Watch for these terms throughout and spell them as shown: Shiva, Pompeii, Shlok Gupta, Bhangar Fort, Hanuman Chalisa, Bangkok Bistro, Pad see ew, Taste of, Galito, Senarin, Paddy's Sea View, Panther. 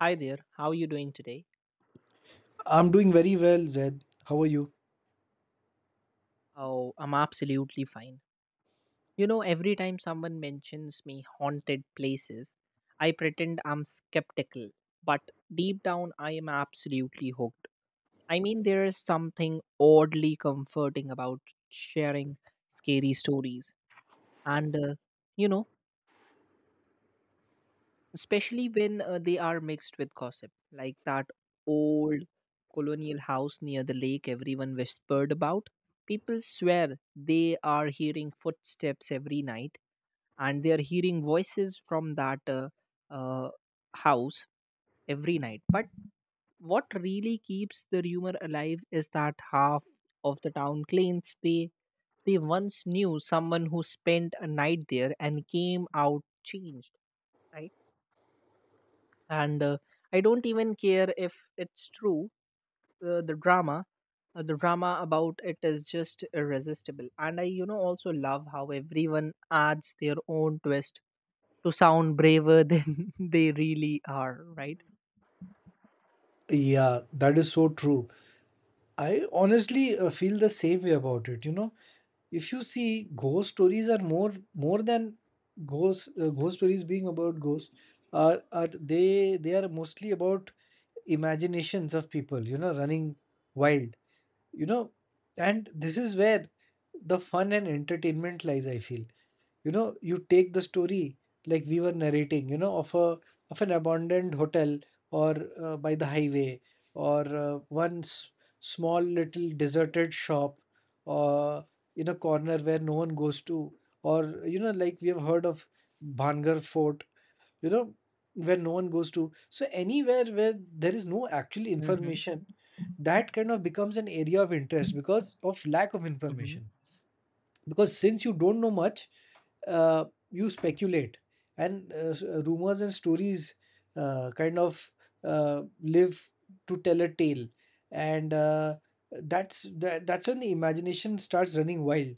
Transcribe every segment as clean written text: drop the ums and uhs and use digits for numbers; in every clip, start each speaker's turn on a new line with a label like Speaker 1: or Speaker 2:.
Speaker 1: Hi there, how are you doing today?
Speaker 2: I'm doing very well, Zed. How are you?
Speaker 1: Oh, I'm absolutely fine. You know, every time someone mentions me haunted places, I pretend I'm skeptical, but deep down I am absolutely hooked. I mean, there is something oddly comforting about sharing scary stories and, you know, especially when they are mixed with gossip, like that old colonial house near the lake everyone whispered about. People swear they are hearing footsteps every night, and they are hearing voices from that uh, house every night. But what really keeps the rumor alive is that half of the town claims they once knew someone who spent a night there and came out changed, right? And I don't even care if it's true. uh, the drama the drama about it is just irresistible, and I also love how everyone adds their own twist to sound braver than they really are, right?
Speaker 2: Yeah, that is so true. I honestly feel the same way about it. You know, if you see ghost stories are more than ghost ghost stories being about ghosts are they are mostly about imaginations of people, you know, running wild. You know, and this is where the fun and entertainment lies, I feel. You know, you take the story, like we were narrating, you know, of a of an abandoned hotel, or by the highway, or small little deserted shop, or in a corner where no one goes to, or you know, like we have heard of Bhangar Fort, you know, where no one goes to. So anywhere where there is no actual
Speaker 1: Hmm.
Speaker 2: information, that kind of becomes an area of interest because of lack of
Speaker 1: Hmm.
Speaker 2: information. Because since you don't know much, uh, you speculate, and rumors and stories kind of live to tell a tale. And that's when the imagination starts running wild.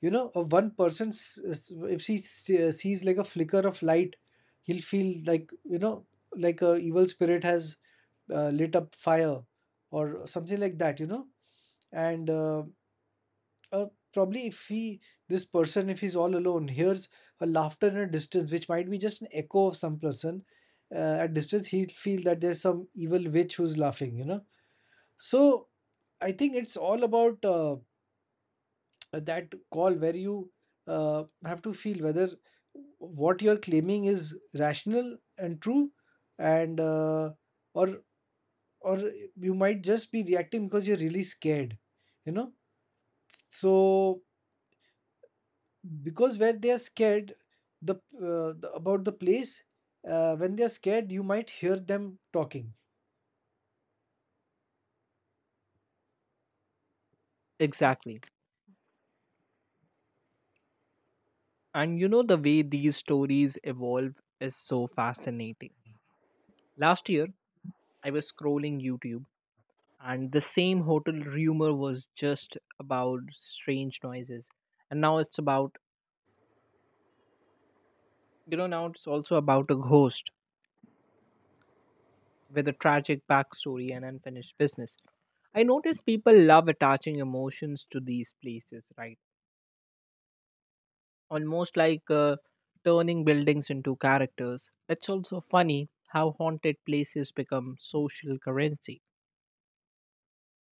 Speaker 2: You know, a one person, if sees like a flicker of light, he'll feel like, you know, like a evil spirit has lit up fire or something like that, you know. And uh, Probably if he this person, if he's all alone, hears a laughter in a distance which might be just an echo of some person at distance, he'll feel that there's some evil witch who's laughing, you know. So I think it's all about that call where you have to feel whether what you're claiming is rational and true, and or or you might just be reacting because you're really scared, you know. So because where they are scared, the about the place, when they are scared, you might hear them talking.
Speaker 1: Exactly. And the way these stories evolve is so fascinating. Last year, I was scrolling YouTube, and the same hotel rumor was just about strange noises, and now it's about now it's also about a ghost with a tragic backstory and unfinished business. I notice people love attaching emotions to these places, right? Almost like turning buildings into characters. It's also funny how haunted places become social currency,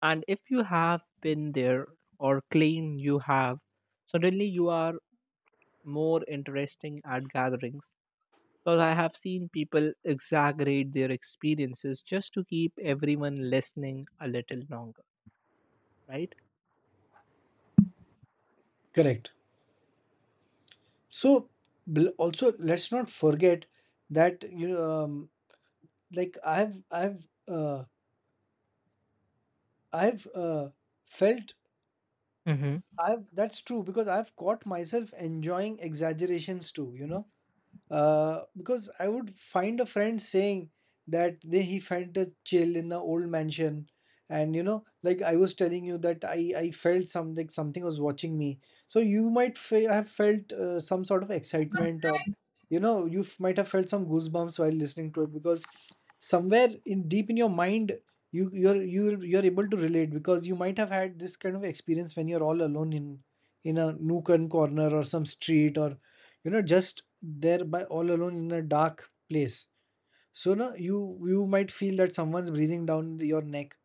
Speaker 1: and if you have been there or claim you have, suddenly you are more interesting at gatherings, because I have seen people exaggerate their experiences just to keep everyone listening a little longer, right?
Speaker 2: Correct. So, also, let's not forget that, you know, like I've felt.
Speaker 1: Mm-hmm.
Speaker 2: I've That's true, because I've caught myself enjoying exaggerations too, you know. Because I would find a friend saying that he felt a chill in the old mansion, and you know, like I was telling you that I felt some, like something was watching me. So you might have felt some sort of excitement, or you know, you might have felt some goosebumps while listening to it, because somewhere in deep in your mind, you're you're able to relate because you might have had this kind of experience when you're all alone in a nook and corner or some street, or you know, just there by all alone in a dark place. So now you might feel that someone's breathing down your neck.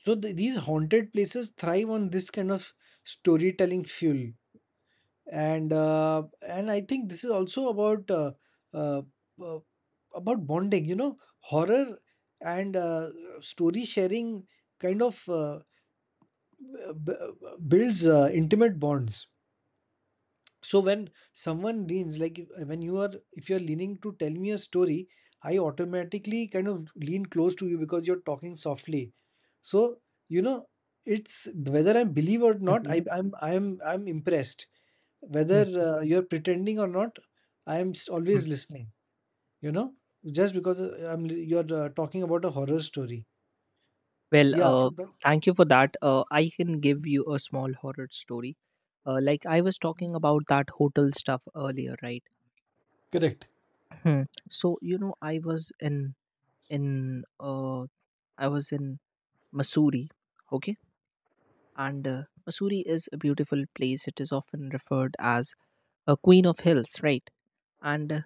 Speaker 2: So these haunted places thrive on this kind of storytelling fuel. And uh, and I think this is also uh, uh, about bonding, you know. Horror and story sharing kind of builds intimate bonds. So when someone leans, when you are, if you're leaning to tell me a story, I automatically kind of lean close to you because you're talking softly. So, you know, it's, whether I believe or not,
Speaker 1: Mm-hmm.
Speaker 2: I'm impressed. Whether you're pretending or not,
Speaker 1: Mm-hmm.
Speaker 2: always listening, you know. Just because you're talking about a horror story.
Speaker 1: Well,
Speaker 2: Yeah, so that.
Speaker 1: thank you for that. I can give you a small horror story. Like I was talking about that hotel stuff earlier, right?
Speaker 2: Correct.
Speaker 1: Hmm. So in uh, I was in Missouri, okay, and Missouri is a beautiful place. It is often referred as a queen of hills, right? And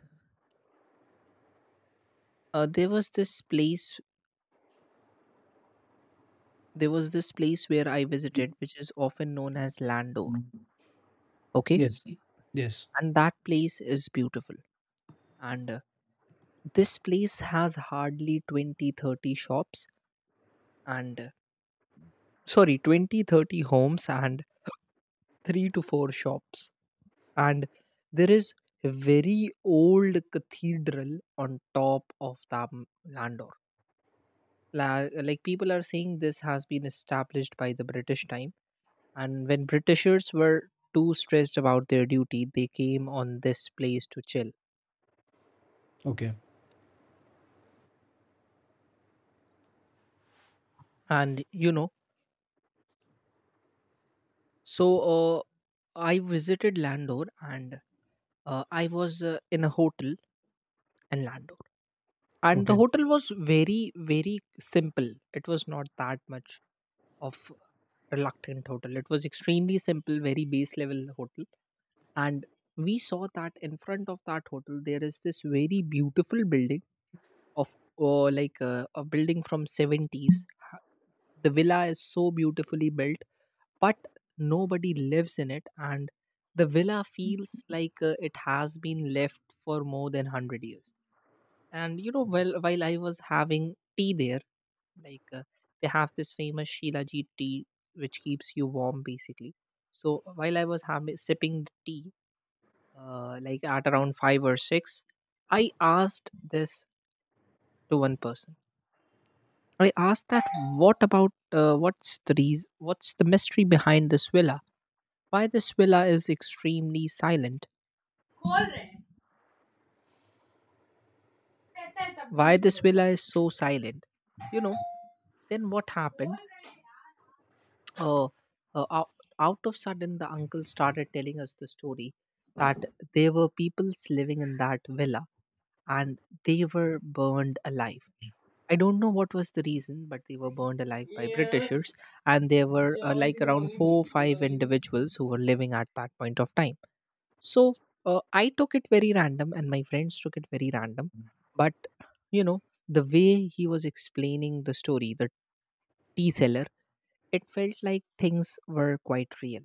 Speaker 1: there was this place, where I visited, which is often known as landor, okay.
Speaker 2: Yes. Yes.
Speaker 1: And that place is beautiful. And this place has hardly 20, 30 shops, and sorry, 20, 30 homes and 3 to 4 shops. And there is a very old cathedral on top of the landor. Like people are saying this has been established by the British time. And when Britishers were too stressed about their duty, they came on this place to chill.
Speaker 2: Okay.
Speaker 1: And so I visited Landor. And I was in a hotel in Landor. And the
Speaker 2: Okay.
Speaker 1: hotel was very, very simple. It was not that much of reluctant hotel. It was extremely simple, very base level hotel. And we saw that in front of that hotel, there is this very beautiful building of a building from '70s. Ha- the villa is so beautifully built, but nobody lives in it, and the villa feels like it has been left for more than 100 years. And well, while I was having tea there, like they have this famous shilajit tea, which keeps you warm basically. So while I was having sipping the tea, like at around 5 or 6, I asked this to one person. I asked that what's the reason, what's the mystery behind this villa? Why this villa is extremely silent? Why this villa is so silent? You know, then what happened? Uh, uh, out, out of sudden, the uncle started telling us the story that there were peoples living in that villa, and they were burned alive. I don't know what was the reason, but they were burned alive by Britishers, and there were like around four or five individuals who were living at that point of time. So I took it very random, and my friends took it very random. But you know, the way he was explaining the story, the tea seller, it felt like things were quite real.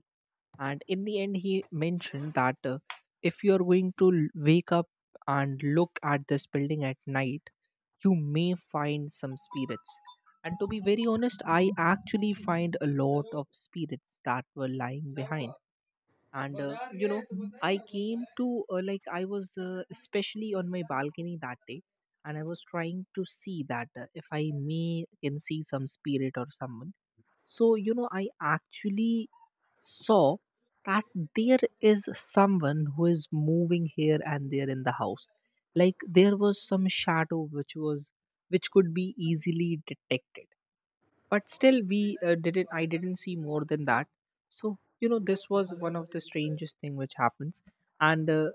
Speaker 1: And in the end, he mentioned that if you're going to wake up and look at this building at night, you may find some spirits. And to be very honest, I actually find a lot of spirits that were lying behind. And I came to like I was especially on my balcony that day, and I was trying to see that if I may can see some spirit or someone. So, I actually saw that there is someone who is moving here and there in the house. Like there was some shadow which was which could be easily detected. But still, we didn't. I didn't see more than that. So this was one of the strangest thing which happens. And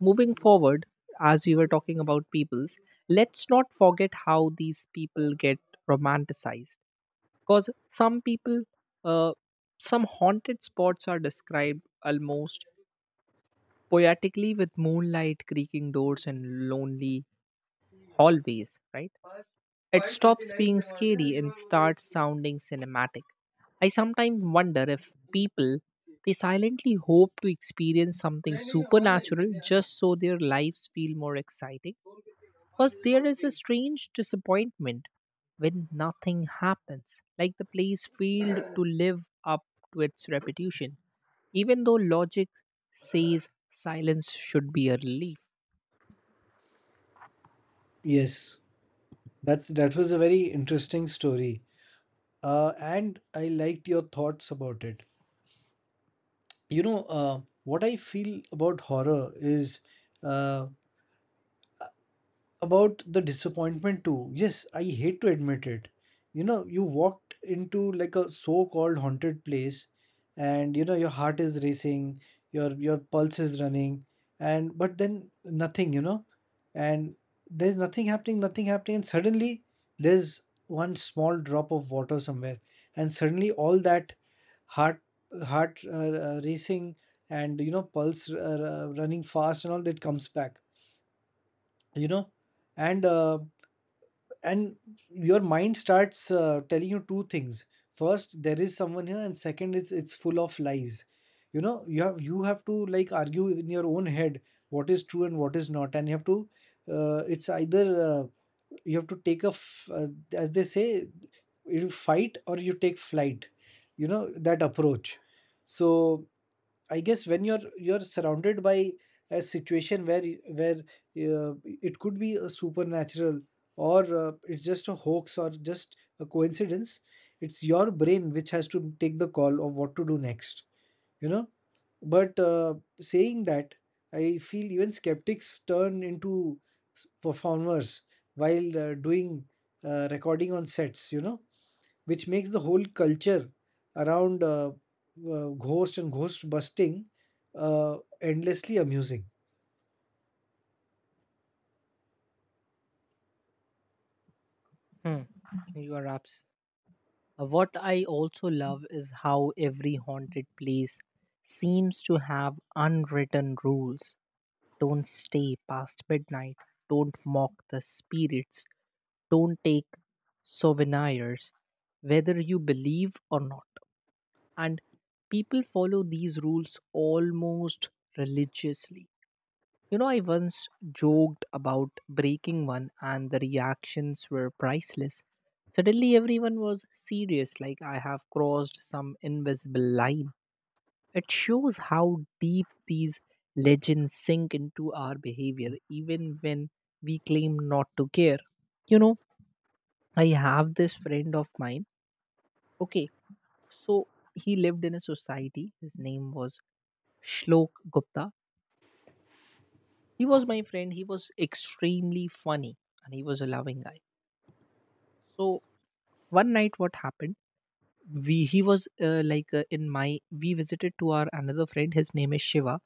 Speaker 1: moving forward, as we were talking about peoples, let's not forget how these people get romanticized, because uh, some haunted spots are described almost poetically, with moonlight, creaking doors, and lonely hallways, right? It stops being scary and starts sounding cinematic. I sometimes wonder if people they silently hope to experience something supernatural just so their lives feel more exciting. Because there is a strange disappointment when nothing happens, like the place failed to live up to its reputation, even though logic says silence should be a relief.
Speaker 2: Yes, that was a very interesting story, and I liked your thoughts about it. You know, what I feel about horror is uh, about the disappointment too. Yes, I hate to admit it. You know, you walked into like a so-called haunted place, and you know your heart is racing, your pulse is running, and but then nothing, you know. And there's nothing happening, nothing happening, and suddenly there's one small drop of water somewhere, and suddenly all that heart heart racing and, you know, pulse running fast and all that comes back, you know. And uh, and your mind starts telling you two things: first, there is someone here, and second is it's full of lies. You know, you have to like argue in your own head what is true and what is not, and you have to it's either you have to take as they say, you fight or you take flight, you know, that approach. So I guess when you're surrounded by a situation where where it could be a supernatural or it's just a hoax or just a coincidence, it's your brain which has to take the call of what to do next. You know, but saying that, I feel even skeptics turn into performers while doing recording on sets. You know, which makes the whole culture around ghost and ghost busting endlessly amusing.
Speaker 1: Hmm. You are abs- What I also love is how every haunted place seems to have unwritten rules. Don't stay past midnight. Don't mock the spirits. Don't take souvenirs, whether you believe or not. And people follow these rules almost religiously. I once joked about breaking one, and the reactions were priceless. Suddenly, everyone was serious, like I have crossed some invisible line. It shows how deep these legends sink into our behavior, even when we claim not to care. You know, I have this friend of mine. Okay, so he lived in a society. His name was Shlok Gupta. He was my friend. He was extremely funny, and he was a loving guy. So one night, what happened? We he was like in my we visited to our another friend. His name is Shiva,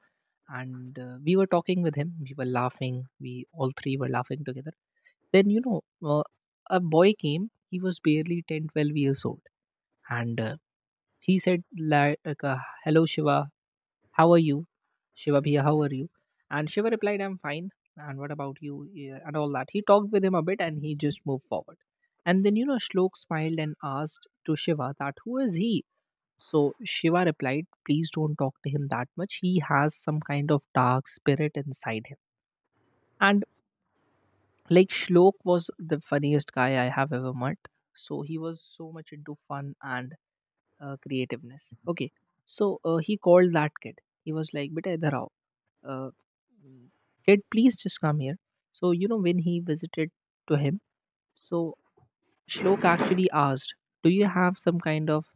Speaker 1: and we were talking with him. We were laughing. We all three were laughing together. Then a boy came. He was barely 10, 12 years old, and he said, like, hello, Shiva, how are you? Shiva Bhaiya, how are you? And Shiva replied, I'm fine. And what about you? Yeah, and all that. He talked with him a bit, and he just moved forward. And then, Shlok smiled and asked to Shiva that who is he? So Shiva replied, please don't talk to him that much. He has some kind of dark spirit inside him. And like Shlok was the funniest guy I have ever met. So he was so much into fun and creativeness, okay. So he called that kid. He was like, beta idhar aao, uh, mm, kid, please just come here. So when he visited to him, so Shlok actually asked, do you have some kind of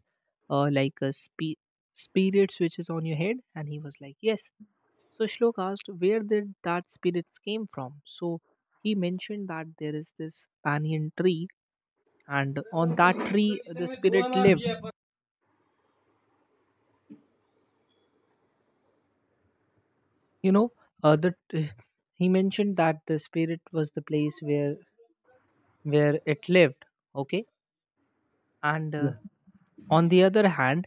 Speaker 1: like a spirits which is on your head? And he was like, yes. So Shlok asked, where did that spirits came from? So he mentioned that there is this banyan tree, and on that tree the spirit lived. you know that he mentioned, that the spirit was the place where it lived, okay. And
Speaker 2: Yeah.
Speaker 1: on the other hand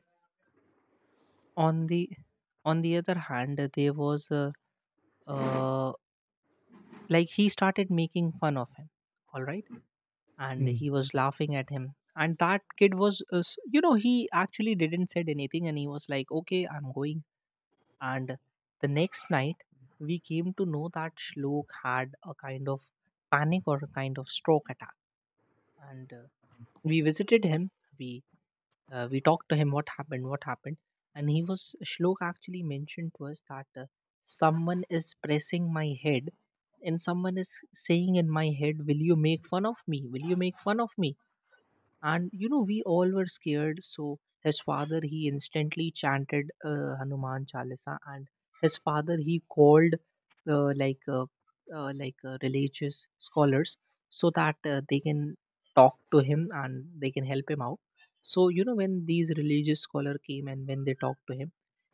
Speaker 1: on the on the other hand, there was a uh, like he started making fun of him, all right, and
Speaker 2: Mm.
Speaker 1: he was laughing at him. And that kid was he actually didn't said anything, and he was like, okay, I'm going. And the next night we came to know that Shlok had a kind of panic or a kind of stroke attack. And we visited him. We uh, we talked to him, what happened, what happened. And he was Shlok actually mentioned to us that someone is pressing my head, and someone is saying in my head, will you make fun of me, will you make fun of me? And we all were scared. So his father, he instantly chanted Hanuman Chalisa. And his father, he called uh, like uh, religious scholars so that they can talk to him and they can help him out. So when these religious scholar came and when they talked to him,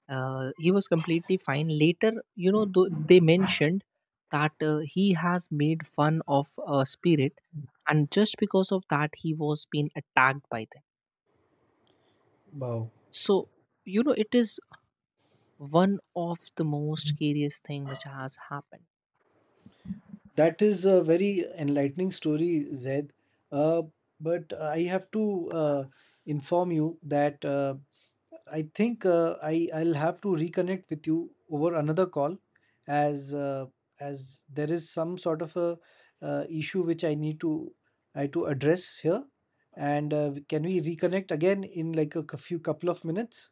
Speaker 1: he was completely fine later. They mentioned that he has made fun of a spirit, and just because of that he was being attacked by them.
Speaker 2: Wow.
Speaker 1: So it is one of the most curious thing which has happened.
Speaker 2: That is a very enlightening story, Zaid. Uh, but I have to inform you that I think I'll have to reconnect with you over another call, as uh, as there is some sort of a issue which I need to I to address here, and can we reconnect again in like few couple of minutes?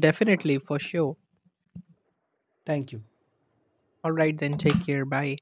Speaker 1: Definitely, for sure.
Speaker 2: Thank you.
Speaker 1: All right, then, take care. Bye.